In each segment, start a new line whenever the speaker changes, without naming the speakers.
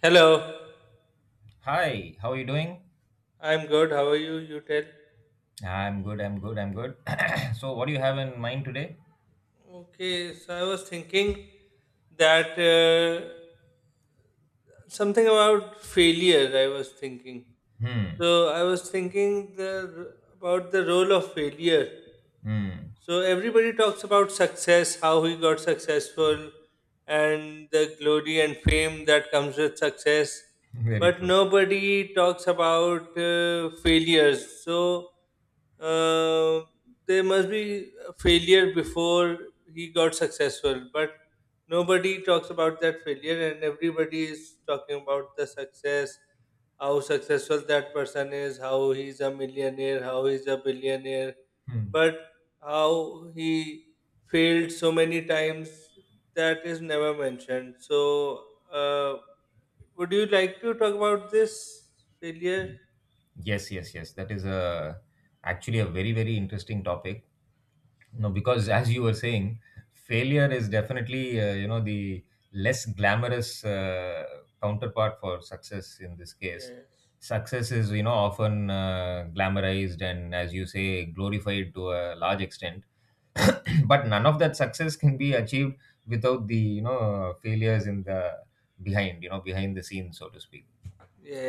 Hello,
Hi, how are you doing?
I'm good. How are you? You tell.
I'm good, I'm good, I'm good. So, what do you have in mind today?
Okay, so I was thinking that something about failure. I was thinking.
Hmm.
So I was thinking the about the role of failure.
Hmm.
So everybody talks about success, how he got successful, and the glory and fame that comes with success.
Very
But
true.
nobody talks about failures. So uh, there must be a failure before he got successful. But nobody talks about that failure, and everybody is talking about the success, how successful that person is, how he's a millionaire, how he's a billionaire.
Hmm.
But how he failed so many times that is never mentioned, so uh, would you like to talk about this failure?
Yes, yes, yes. That is a actually a very, very interesting topic. No, because as you were saying, failure is definitely, the less glamorous, counterpart for success in this case.
Yes,
Success is, often glamorized and, as you say, glorified to a large extent. But none of that success can be achieved without the failures in the behind you know behind the scenes, so to speak.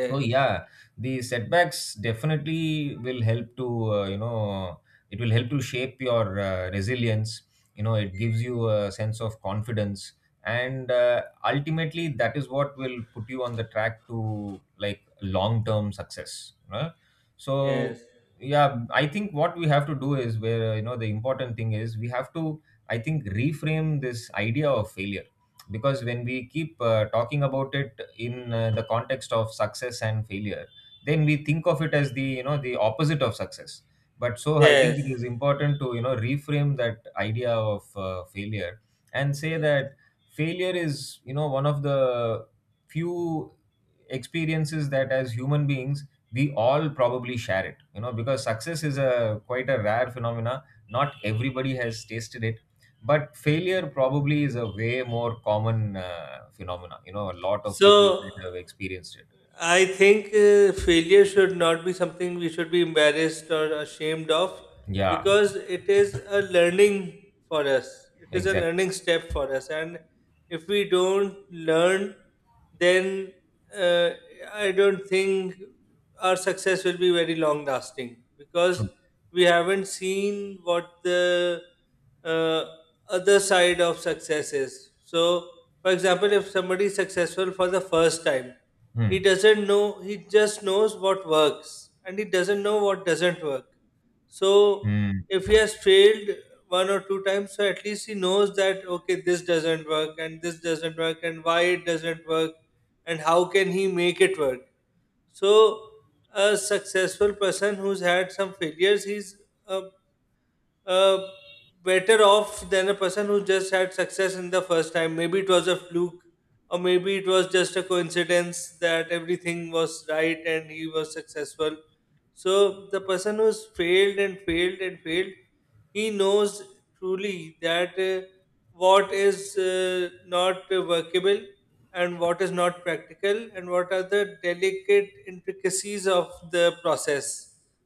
So, yeah, the setbacks definitely will help to shape your resilience. It gives you a sense of confidence, and ultimately that is what will put you on the track to, like, long term success, right? So,
yes,
yeah, I think what we have to do is, where you know the important thing is, we have to, I think, reframe this idea of failure, because when we keep, talking about it in, the context of success and failure, then we think of it as the you know the opposite of success. But so I think it
yes,
is important to, reframe that idea of failure, and say
yes.
that failure is, one of the few experiences that, as human beings, we all probably share it, because success is a quite a rare phenomena, not everybody has tasted it, but failure probably is a way more common, phenomena, a lot of people
So
will have experienced it.
I think failure should not be something we should be embarrassed or ashamed of,
Yeah.
because it is a learning for us. It is a
Exactly.
learning step for us. And if we don't learn, then uh, I don't think our success will be very long lasting, because
True.
we haven't seen what the uh, other side of success is. So, for example, if somebody is successful for the first time, he
Hmm.
doesn't know, he just knows what works and he doesn't know what doesn't work. So,
Hmm.
if he has failed one or two times, so at least he knows that, okay, this doesn't work and this doesn't work and why it doesn't work and how can he make it work. So, a successful person who's had some failures, he's a uh, better off than a person who just had success in the first time. Maybe it was a fluke, or maybe it was just a coincidence that everything was right and he was successful. So the person who's failed and failed and failed, he knows truly that what is not workable and what is not practical and what are the delicate intricacies of the process,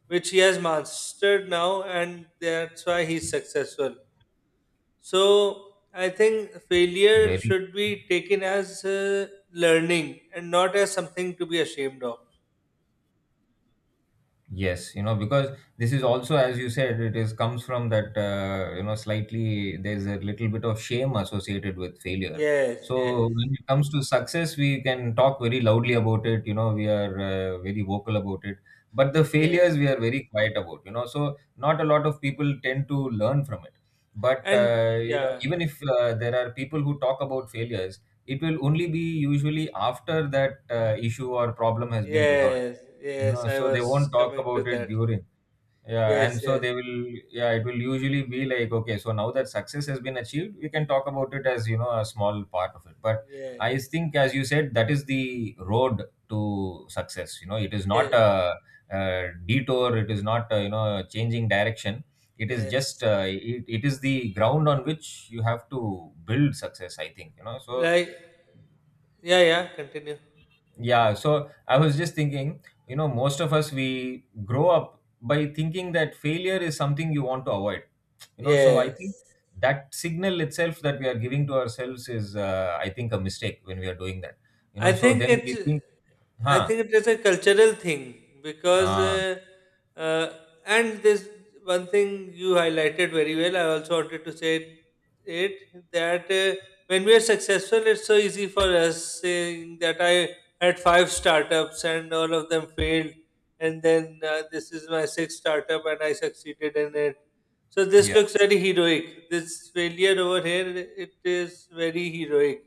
which he has mastered now, and that's why he's successful. So I think failure
very
should be taken as learning and not as something to be ashamed of.
Yes, because this is also, as you said, it is comes from that, slightly, there's a little bit of shame associated with failure.
Yes,
So
yes,
when it comes to success, we can talk very loudly about it. We are very vocal about it, but the
yes.
failures we are very quiet about. So not a lot of people tend to learn from it. But,
And yeah,
even if, there are people who talk about failures, it will only be usually after that issue or problem has been resolved.
yes, yes,
No,
I
so they
was
won't talk
coming to
about it
that.
during. Yeah,
Yes,
and so
yes,
they will, yeah, it will usually be like, okay, so now that success has been achieved, we can talk about it as, a small part of it. But
yes,
I think, as you said, that is the road to success. It is not
yes,
a detour, it is not, changing direction. It is just,
yes.
it is the ground on which you have to build success, I think, So,
Like, yeah, yeah, continue.
yeah, so I was just thinking, most of us, we grow up by thinking that failure is something you want to avoid. So I think
Yes,
that signal itself that we are giving to ourselves is, I think, a mistake when we are doing that.
I
So
think
then
it's
we think,
I
huh,
think it is a cultural thing, because
uh,
uh, and this one thing you highlighted very well. I also wanted to say it, that when we are successful, it's so easy for us saying that I had five startups and all of them failed, and then this is my sixth startup and I succeeded in it, so this
yeah,
looks very heroic. This failure over here, it is very heroic.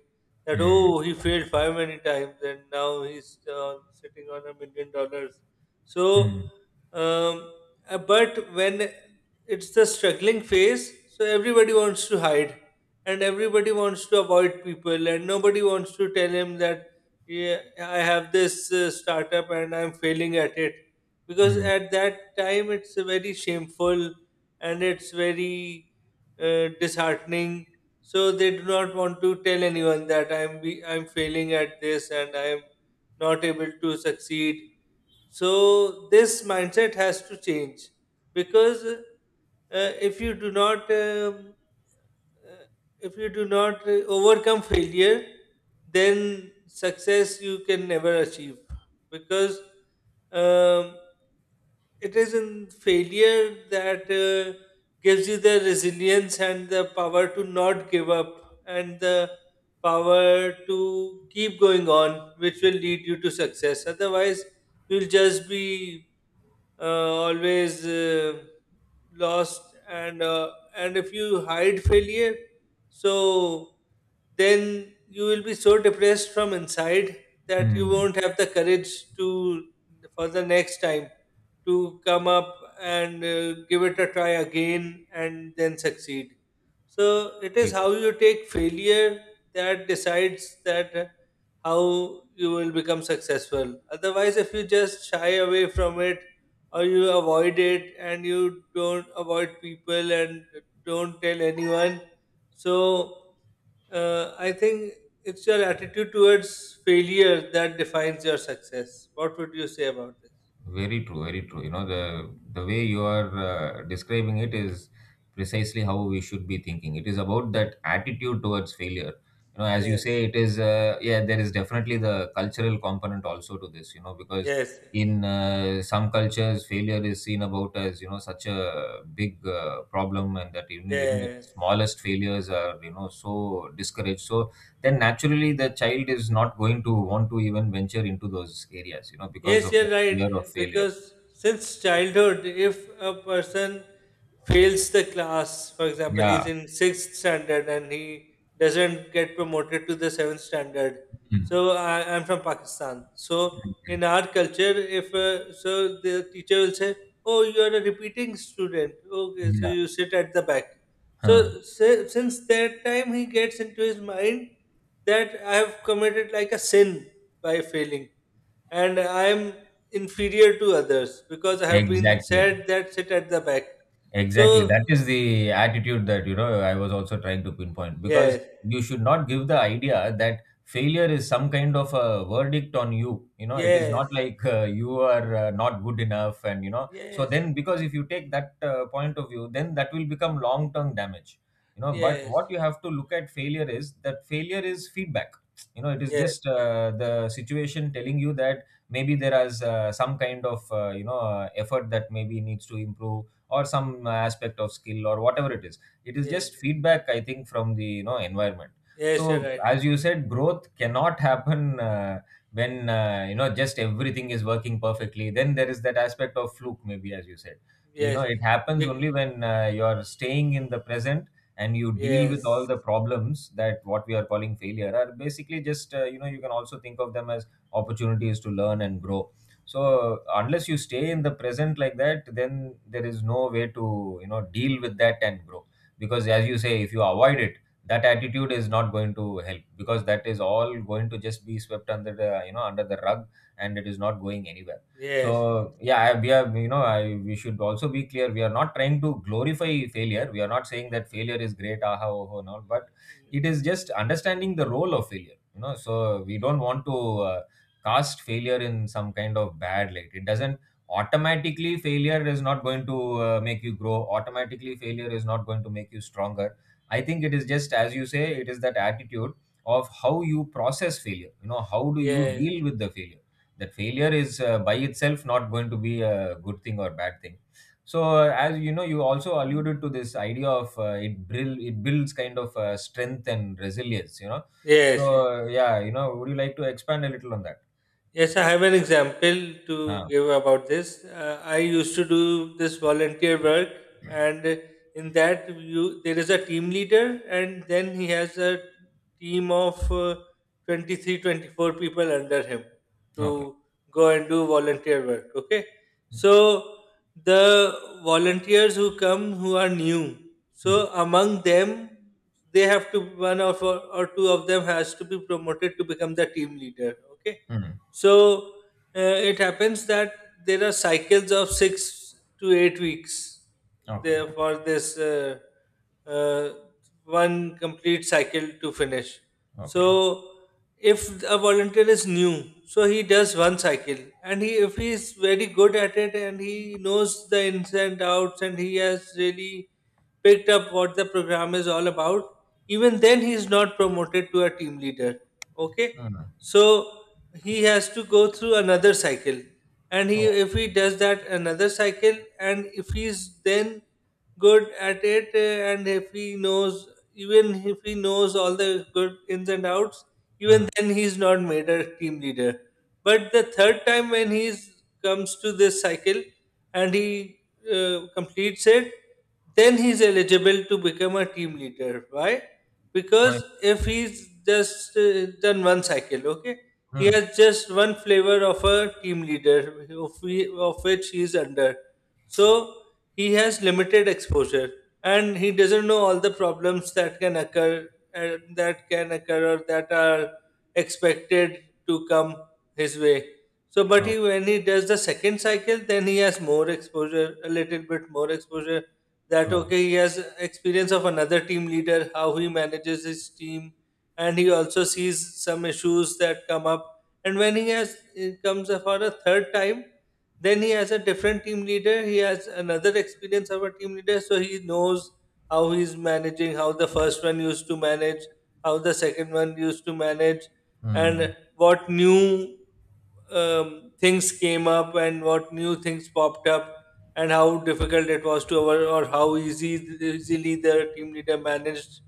That
mm,
oh, he failed five many times, and now he's sitting on $1 million. So,
mm,
um, but when it's the struggling phase, so everybody wants to hide, and everybody wants to avoid people, and nobody wants to tell him that yeah, I have this startup and I'm failing at it, because
mm,
at that time it's a very shameful and it's very disheartening. So they do not want to tell anyone that I'm failing at this and I'm not able to succeed. So this mindset has to change, because if you do not uh, overcome failure, then success you can never achieve, because um, it is in failure that gives you the resilience and the power to not give up and the power to keep going on, which will lead you to success. Otherwise, you'll just be uh, always lost, and and if you hide failure, so then you will be so depressed from inside that you
mm.
won't have the courage to for the next time to come up and give it a try again and then succeed. So it is how you take failure that decides that how you will become successful. Otherwise, if you just shy away from it or you avoid it and you don't avoid people and don't tell anyone, so I think it's your attitude towards failure that defines your success. What would you say about this?
Very true, very true. The way you are describing it is precisely how we should be thinking. It is about that attitude towards failure. As you
Yes.
say, it is, yeah, there is definitely the cultural component also to this. Because
Yes.
in, some cultures, failure is seen about as, such a big problem, and that even the
Yes.
smallest failures are, so discouraged. So then naturally, the child is not going to want to even venture into those areas. Because
Yes,
of
you're
fear of
right.
failure.
Because since childhood, if a person fails the class, for example, he's
Yeah.
in sixth standard and he doesn't get promoted to the seventh standard.
Mm.
So I'm from Pakistan. So in our culture, if so, the teacher will say, "Oh, you are a repeating student. Okay, so
Yeah.
you sit at the back."
Huh.
So since that time, he gets into his mind that I have committed like a sin by failing and I am inferior to others because I have been
Exactly.
said that sit at the back.
Exactly.
So
That is the attitude that, I was also trying to pinpoint, because
yes,
you should not give the idea that failure is some kind of a verdict on you. It is
yes,
not like, you are, not good enough, and, so
yes,
then because if you take that point of view, then that will become long term damage. But
yes,
what you have to look at failure is that failure is feedback. It is
yes,
just,
yes,
the situation telling you that maybe there is, some kind of, effort that maybe needs to improve, or some aspect of skill, or whatever it is. It is
yes,
just feedback, I think, from the environment.
yes, you're
So,
right.
as you said, growth cannot happen when, just everything is working perfectly, then there is that aspect of fluke, maybe, as you said.
Yes,
It happens
Big,
only when, you're staying in the present, and you deal with all
yes,
the problems that what we are calling failure are basically just, you can also think of them as opportunities to learn and grow. So
oh,
unless you stay in the present like that, then there is no way to, deal with that and grow. Because, as you say, if you avoid it, that attitude is not going to help, because that is all going to just be swept under the you know under the rug, and it is not going anywhere.
yes,
So, yeah, I- we are you know I, we should also be clear, we are not trying to glorify failure, we are not saying that failure is great, aha, oh, oh, no, but it is just understanding the role of failure, so we don't want to, cast failure in some kind of bad light. It doesn't Automatically, failure is not going to make you grow. Automatically, failure is not going to make you stronger. I think it is just, as you say, it is that attitude of how you process failure. How do you
yes,
deal with the failure? That failure is, by itself, not going to be a good thing or bad thing. So, as you know, you also alluded to this idea of, it builds kind of, strength and resilience. So,
yes, yes.
yeah, would you like to expand a little on that?
Yes, I have an example to
Ah,
give about this. I used to do this volunteer work, and in that, there is a team leader, and then he has a team of 23 24 people under him
okay.
to go and do volunteer work. Okay, so the volunteers who come who are new,
Mm,
so among them, they have to one of or two of them has to be promoted to become the team leader. Okay,
mm,
so it happens that there are cycles of 6 to 8 weeks
okay,
there for this uh, one complete cycle to finish. So
okay.
if a volunteer is new, so he does one cycle, and he if he is very good at it and he knows the ins and outs and he has really picked up what the program is all about. Even then, he's not promoted to a team leader. Okay,
Mm,
so he has to go through another cycle, and he
oh,
if he does that another cycle, and if he's then good at it, and if he knows even if he knows all the good ins and outs, even
mm,
then he's not made a team leader. But the third time, when he comes to this cycle and he completes it, then he's eligible to become a team leader. Why?
why?
Because if he's just done one cycle, okay, he
Mm,
has just one flavor of a team leader, of which he's under. So he has limited exposure and he doesn't know all the problems that can occur, or that are expected to come his way. So, but
oh,
he when he does the second cycle, then he has more exposure, a little bit more exposure, that
true.
okay, he has experience of another team leader, how he manages his team, and he also sees some issues that come up. And when he has it comes for a third time, then he has a different team leader, he has another experience of a team leader, so he knows how he's managing, how the first one used to manage, how the second one used to manage,
Mm,
and what new things came up and what new things popped up and how difficult it was to over or how easy easily the team leader managed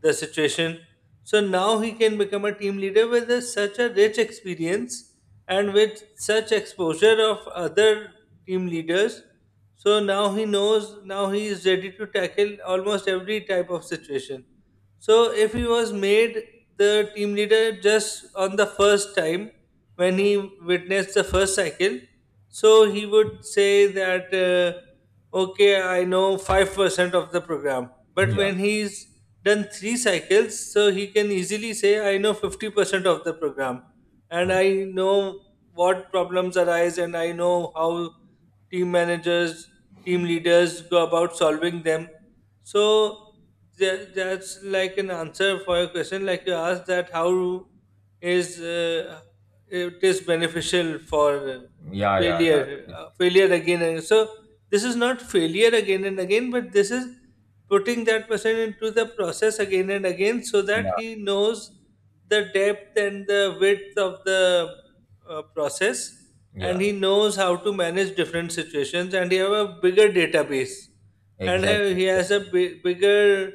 the situation. So now he can become a team leader with such a rich experience and with such exposure of other team leaders. So now he knows, now he is ready to tackle almost every type of situation. So if he was made the team leader just on the first time when he witnessed the first cycle, so he would say that okay, I know 5% of the program. But
yeah,
when he's done three cycles, so he can easily say I know 50% of the program, and
true.
I know what problems arise, and I know how team managers, team leaders go about solving them. So that's like an answer for your question. Like you asked that how is it is beneficial for
Yeah, yeah,
failure,
yeah,
uh, failure again. And so this is not failure again and again, but this is putting that person into the process again and again, so that
yeah,
he knows the depth and the width of the process, and
yeah.
he knows how to manage different situations and he have a bigger database, and
Exactly,
he has a
exactly.
bigger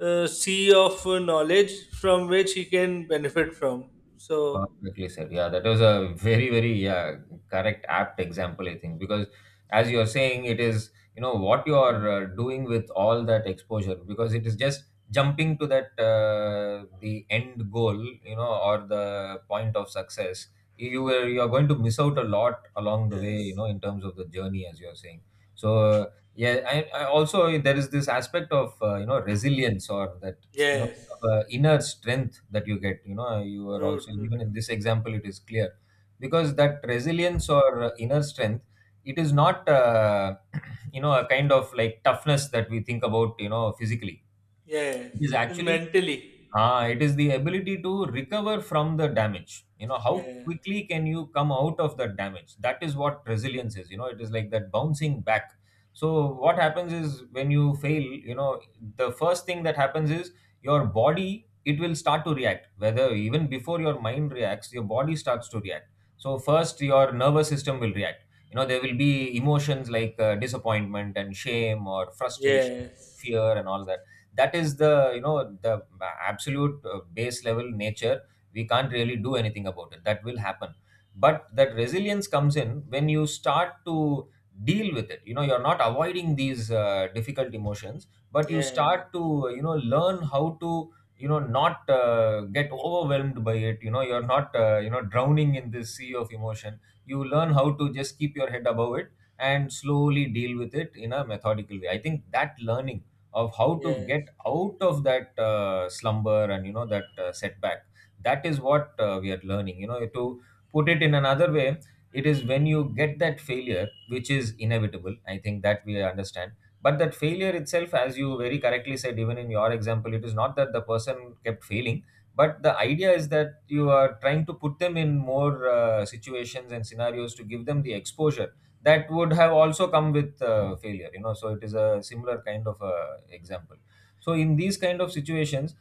sea of knowledge from which he can benefit from. So
Perfectly said. Yeah, that was a very, very, yeah, correct, apt example, I think, because, as you're saying, it is what you're doing with all that exposure, because it is just jumping to that the end goal, or the point of success. You are going to miss out a lot along the way,
yes,
in terms of the journey, as you're saying. So,
yes,
yeah, I also, there is this aspect of, resilience, or that, kind of
yes.
a inner strength that you get, you are
True,
also,
true, true.
even in this example, it is clear, because that resilience or, inner strength, it is not, a kind of like toughness that we think about, physically.
Yes,
It is
it's
actually.
mentally.
Ah, it is the ability to recover from the damage. How
Yeah,
quickly can you come out of that damage? That is what resilience is. It is like that bouncing back. So, what happens is when you fail, the first thing that happens is your body, it will start to react. Whether even before your mind reacts, your body starts to react. So, first, your nervous system will react. You know, there will be emotions like disappointment and shame or frustration,
yes,
fear, and all that. That is the you know the absolute base level nature. We can't really do anything about it, that will happen. But that resilience comes in when you start to deal with it. You're not avoiding these difficult emotions, but you
yes,
start to learn how to not get overwhelmed by it. You're not drowning in this sea of emotion. You learn how to just keep your head above it and slowly deal with it in a methodical way. I think that learning of how to get
yes,
out of that slumber and that setback, that is what we are learning. To put it in another way, it is when you get that failure, which is inevitable, I think, that we understand. But that failure itself, as you very correctly said, even in your example, it is not that the person kept failing, but the idea is that you are trying to put them in more situations and scenarios to give them the exposure that would have also come with failure. So it is a similar kind of example. So in these kind of situations,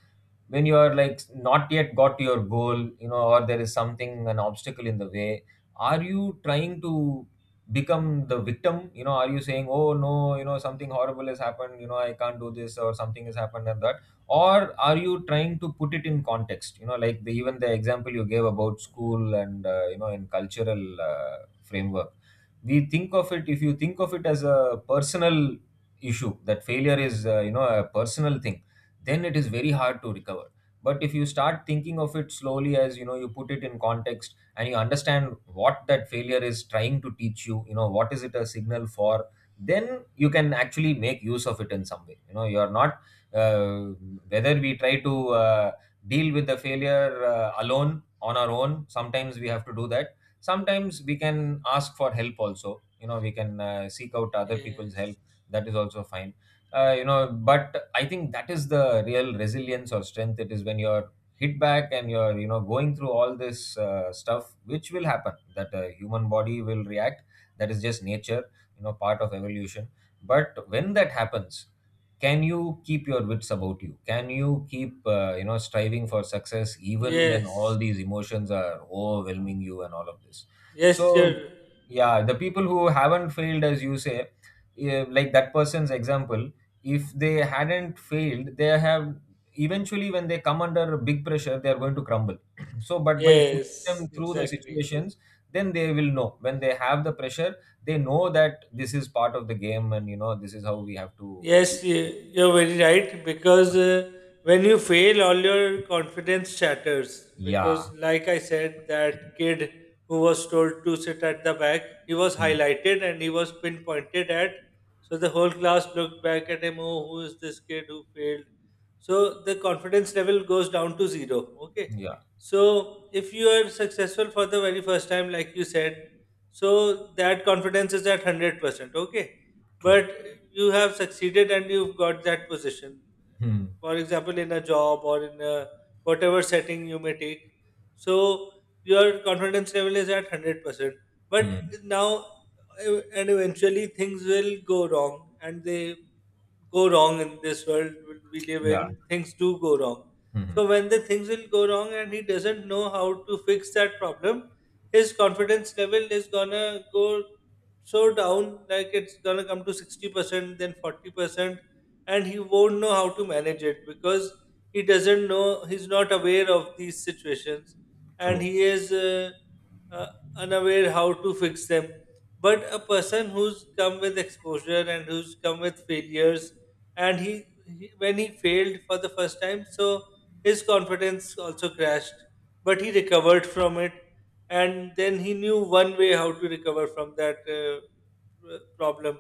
when you are like not yet got to your goal, you know, or there is something, an obstacle in the way, are you trying to become the victim? You know, are you saying, "Oh no, you know, something horrible has happened, you know, I can't do this," or something has happened and that? Or are you trying to put it in context? You know, like even the example you gave about school and you know, in cultural framework, we think of it, if you think of it as a personal issue, that failure is you know, a personal thing, then it is very hard to recover. But if you start thinking of it slowly, as you know, you put it in context and you understand what that failure is trying to teach you, you know, what is it a signal for, then you can actually make use of it in some way. You know, you are not, uh, whether we try to deal with the failure alone on our own, sometimes we have to do that. Sometimes we can ask for help also. You know, we can seek out other people's help.
yes,
That is also fine. You know, but I think that is the real resilience or strength. It is when you're hit back and you're, you know, going through all this stuff which will happen, that human body will react. That is just nature, you know, part of evolution. But when that happens, can you keep your wits about you? Can you keep you know, striving for success even when all
yes,
these emotions are overwhelming you and all of this?
yes.
So yeah, the people who haven't failed, as you say, yeah, like that person's example, if they hadn't failed, they have, eventually when they come under big pressure, they are going to crumble. So but by putting
Yes,
them through the
exactly.
situations, then they will know when they have the pressure, they know that this is part of the game and, you know, this is how we have to deal
Yes,
with it.
you're
So
very right, because when you fail, all your confidence shatters.
yeah.
Because, like I said, that kid who was told to sit at the back, he was
Mm.
highlighted and he was pinpointed at. So the whole class looked back at him. Oh, who is this kid who failed? So the confidence level goes down to zero. Okay.
Yeah,
So if you are successful for the very first time, like you said, so that confidence is at 100%. Okay,
true.
but you have succeeded and you've got that position,
Hmm.
for example, in a job or in a whatever setting you may take, so your confidence level is at 100%.
Hmm.
But now and eventually things will go wrong, and they go wrong. In this world we live in,
Yeah.
things do go wrong.
Hmm,
So when the things will go wrong and he doesn't know how to fix that problem, his confidence level is gonna go so down. Like, it's gonna come to 60%, then 40%, and he won't know how to manage it because he doesn't know, he's not aware of these situations, and
true.
he is uh, unaware how to fix them. But a person who's come with exposure and who's come with failures, and he when he failed for the first time, so his confidence also crashed, but he recovered from it. And then he knew one way how to recover from that problem.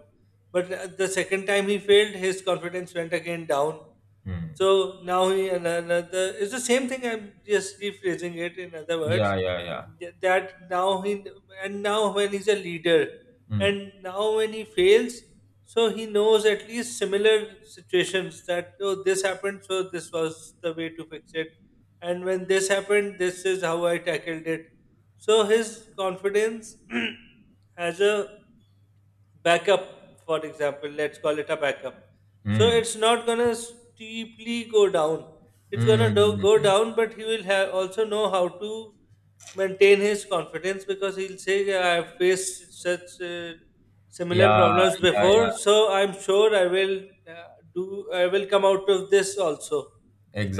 But the second time he failed, his confidence went again down.
Hmm.
So now another. It's the same thing. I'm just rephrasing it. In other words,
Yeah, yeah, yeah.
that now he, and now when he's a leader,
Hmm.
and now when he fails, so he knows at least similar situations that, oh, this happened, so this was the way to fix it, and when this happened, this is how I tackled it. So his confidence has a backup. For example, let's call it a backup. So
Hmm.
it's not gonna steeply go down. It's
Hmm.
gonna do, go
Hmm.
down, but he will have also know how to maintain his confidence because he'll say, "Yeah, I've faced such similar
yeah
problems
yeah yeah
before, so I'm sure I will uh, do. I will come out of this also."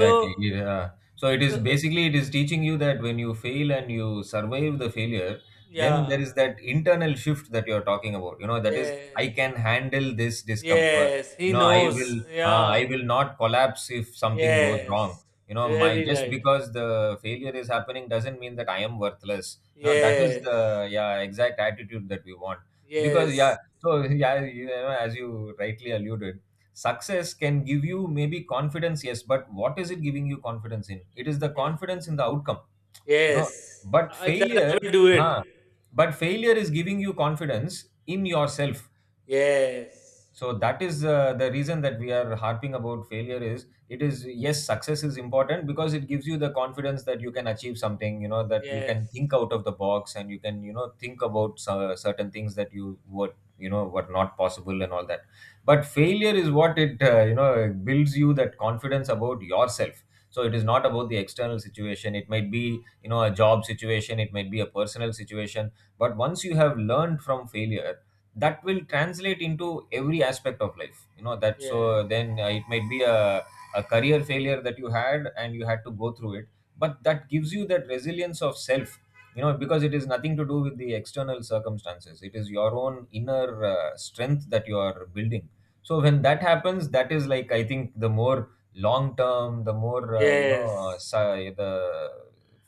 So
Yeah. So it is
uh,
basically, it is teaching you that when you fail and you survive the failure, then there
yeah,
is that internal shift that you're talking about. You know, that is,
yes,
I can handle this discomfort.
yes,
You
he
know, I will
knows.
uh, I
Yeah,
will not collapse if something goes wrong.
yes,
You know, my,
very
just
right.
because the failure is happening doesn't mean that I am worthless. You know, that is
Yes.
the, yeah, exact attitude that we want. Because yeah,
Yes.
so yeah, you know, as you rightly alluded, success can give you maybe confidence, yes, but what is it giving you confidence in? It is the
Yeah.
confidence in the outcome, you know.
Yes.
But
I, that
failure,
I will do it.
huh, but failure is giving you confidence in yourself.
Yes.
So that is the reason that we are harping about failure. Is it, is, yes, success is important because it gives you the confidence that you can achieve something, you know, that you can
Yes.
think out of the box and you can, you know, think about certain things that you were, were not possible and all that. But failure is what it builds you, that confidence about yourself. So it is not about the external situation. It might be, you know, a job situation, it might be a personal situation. But once you have learned from failure, that will translate into every aspect of life. You know, that,
Yes.
so then it might be a career failure that you had and you had to go through it, but that gives you that resilience of self, you know, because it is nothing to do with the external circumstances. It is your own inner strength that you are building. So when that happens, that is like, I think, the more long term, the more
Yes.
the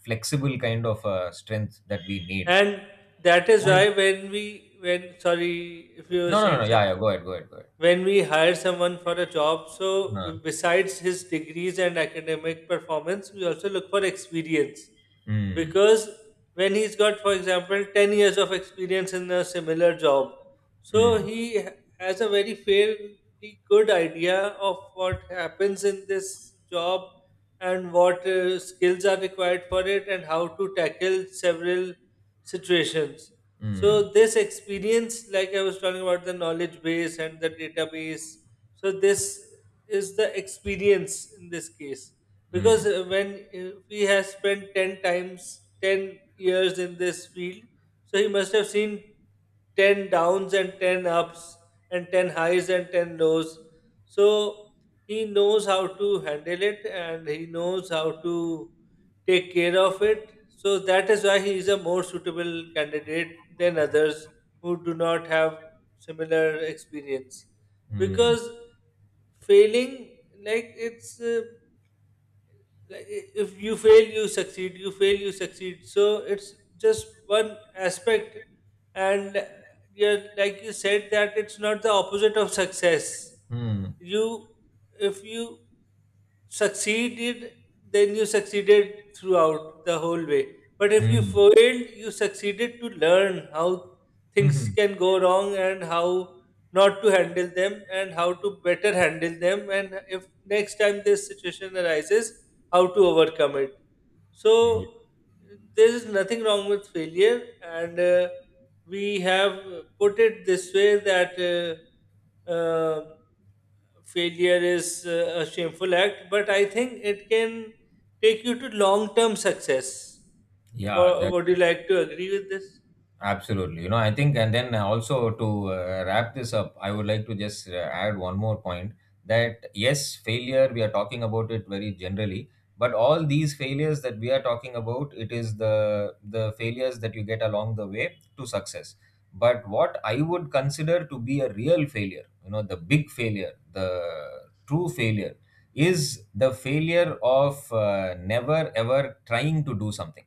flexible kind of strength that we need.
And that is
And
why when we when sorry, if you were
no,
saying
yeah,
something,
go ahead, go ahead go
when we hire someone for a job,
ahead
so besides his degrees and academic performance, we also look for experience.
Mm,
Because when he's got, for example, 10 years of experience in a similar job, so
mm,
has a very fairly good idea of what happens in this job, and what skills are required for it, and how to tackle several situations. So
mm,
this experience, like I was talking about the knowledge base and the database, so this is the experience in this case. Because
mm,
when he has spent 10 times 10 years in this field, so he must have seen 10 downs and 10 ups, and 10 highs and 10 lows. So he knows how to handle it, and he knows how to take care of it. So that is why he is a more suitable candidate than others who do not have similar experience. Because
mm,
failing, like, it's like, if you fail you succeed, you fail you succeed, so it's just one aspect. And yeah, like you said, that it's not the opposite of success.
mm,
You, if you succeeded, then you succeeded throughout the whole way. But if you failed, you succeeded to learn how things
mm.
can go wrong, and how not to handle them, and how to better handle them. And if next time this situation arises, how to overcome it. So there is nothing wrong with failure, and we have put it this way, that. Uh, uh, Failure is a shameful act, but I think it can take you to long term success.
Yeah, that's
Would you
exactly.
like to agree with this?
Absolutely. You know, I think, and then also to wrap this up, I would like to just add one more point that yes, failure, we are talking about it very generally, but all these failures that we are talking about, it is the failures that you get along the way to success. But what I would consider to be a real failure, you know, the big failure, the true failure, is the failure of never ever trying to do something.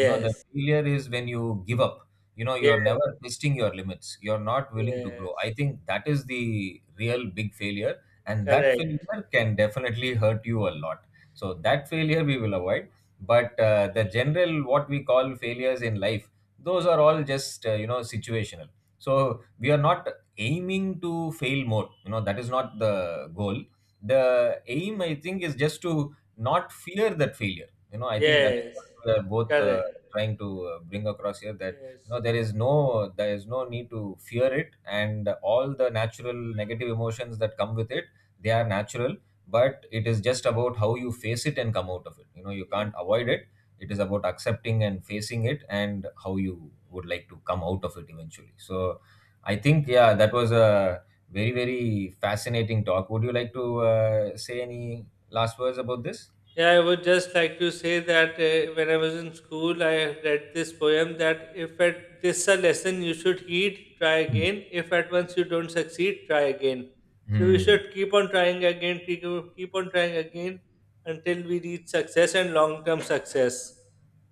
You know, the failure is when you give up. You know,
yes,
you're never testing your limits, you're not willing to grow.
yes,
I think that is the real big failure, and that
correct.
failure can definitely hurt you a lot. So that failure we will avoid. But the general, what we call failures in life, those are all just you know, situational. So we are not aiming to fail more. You know, that is not the goal. The aim, I think, is just to not fear that failure. You know, I think that is
Yes,
what we are both
correct.
trying to bring across here, that no,
Yes,
there is no need to fear it, and all the natural negative emotions that come with it, they are natural. But it is just about how you face it and come out of it. You know, you can't
yes.
avoid it. It is about accepting and facing it and how you would like to come out of it eventually. So I think, yeah, that was a very, very fascinating talk. Would you like to say any last words about this?
Yeah, I would just like to say that when I was in school, I read this poem that, if at this a lesson you should heed, try
Hmm.
again. If at once you don't succeed, try again. So we
Hmm.
should keep on trying again, keep, keep on trying again, until we reach success and long-term success.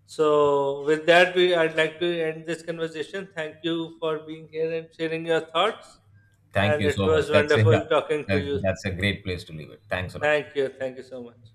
So with that, we I'd like to end this conversation. Thank you for being here and sharing your thoughts.
Thank
And
you
it
so much.
was
That's a, yeah,
wonderful talking to you.
that's a great place to leave it. Thanks a lot.
Thank you. Thank you so much.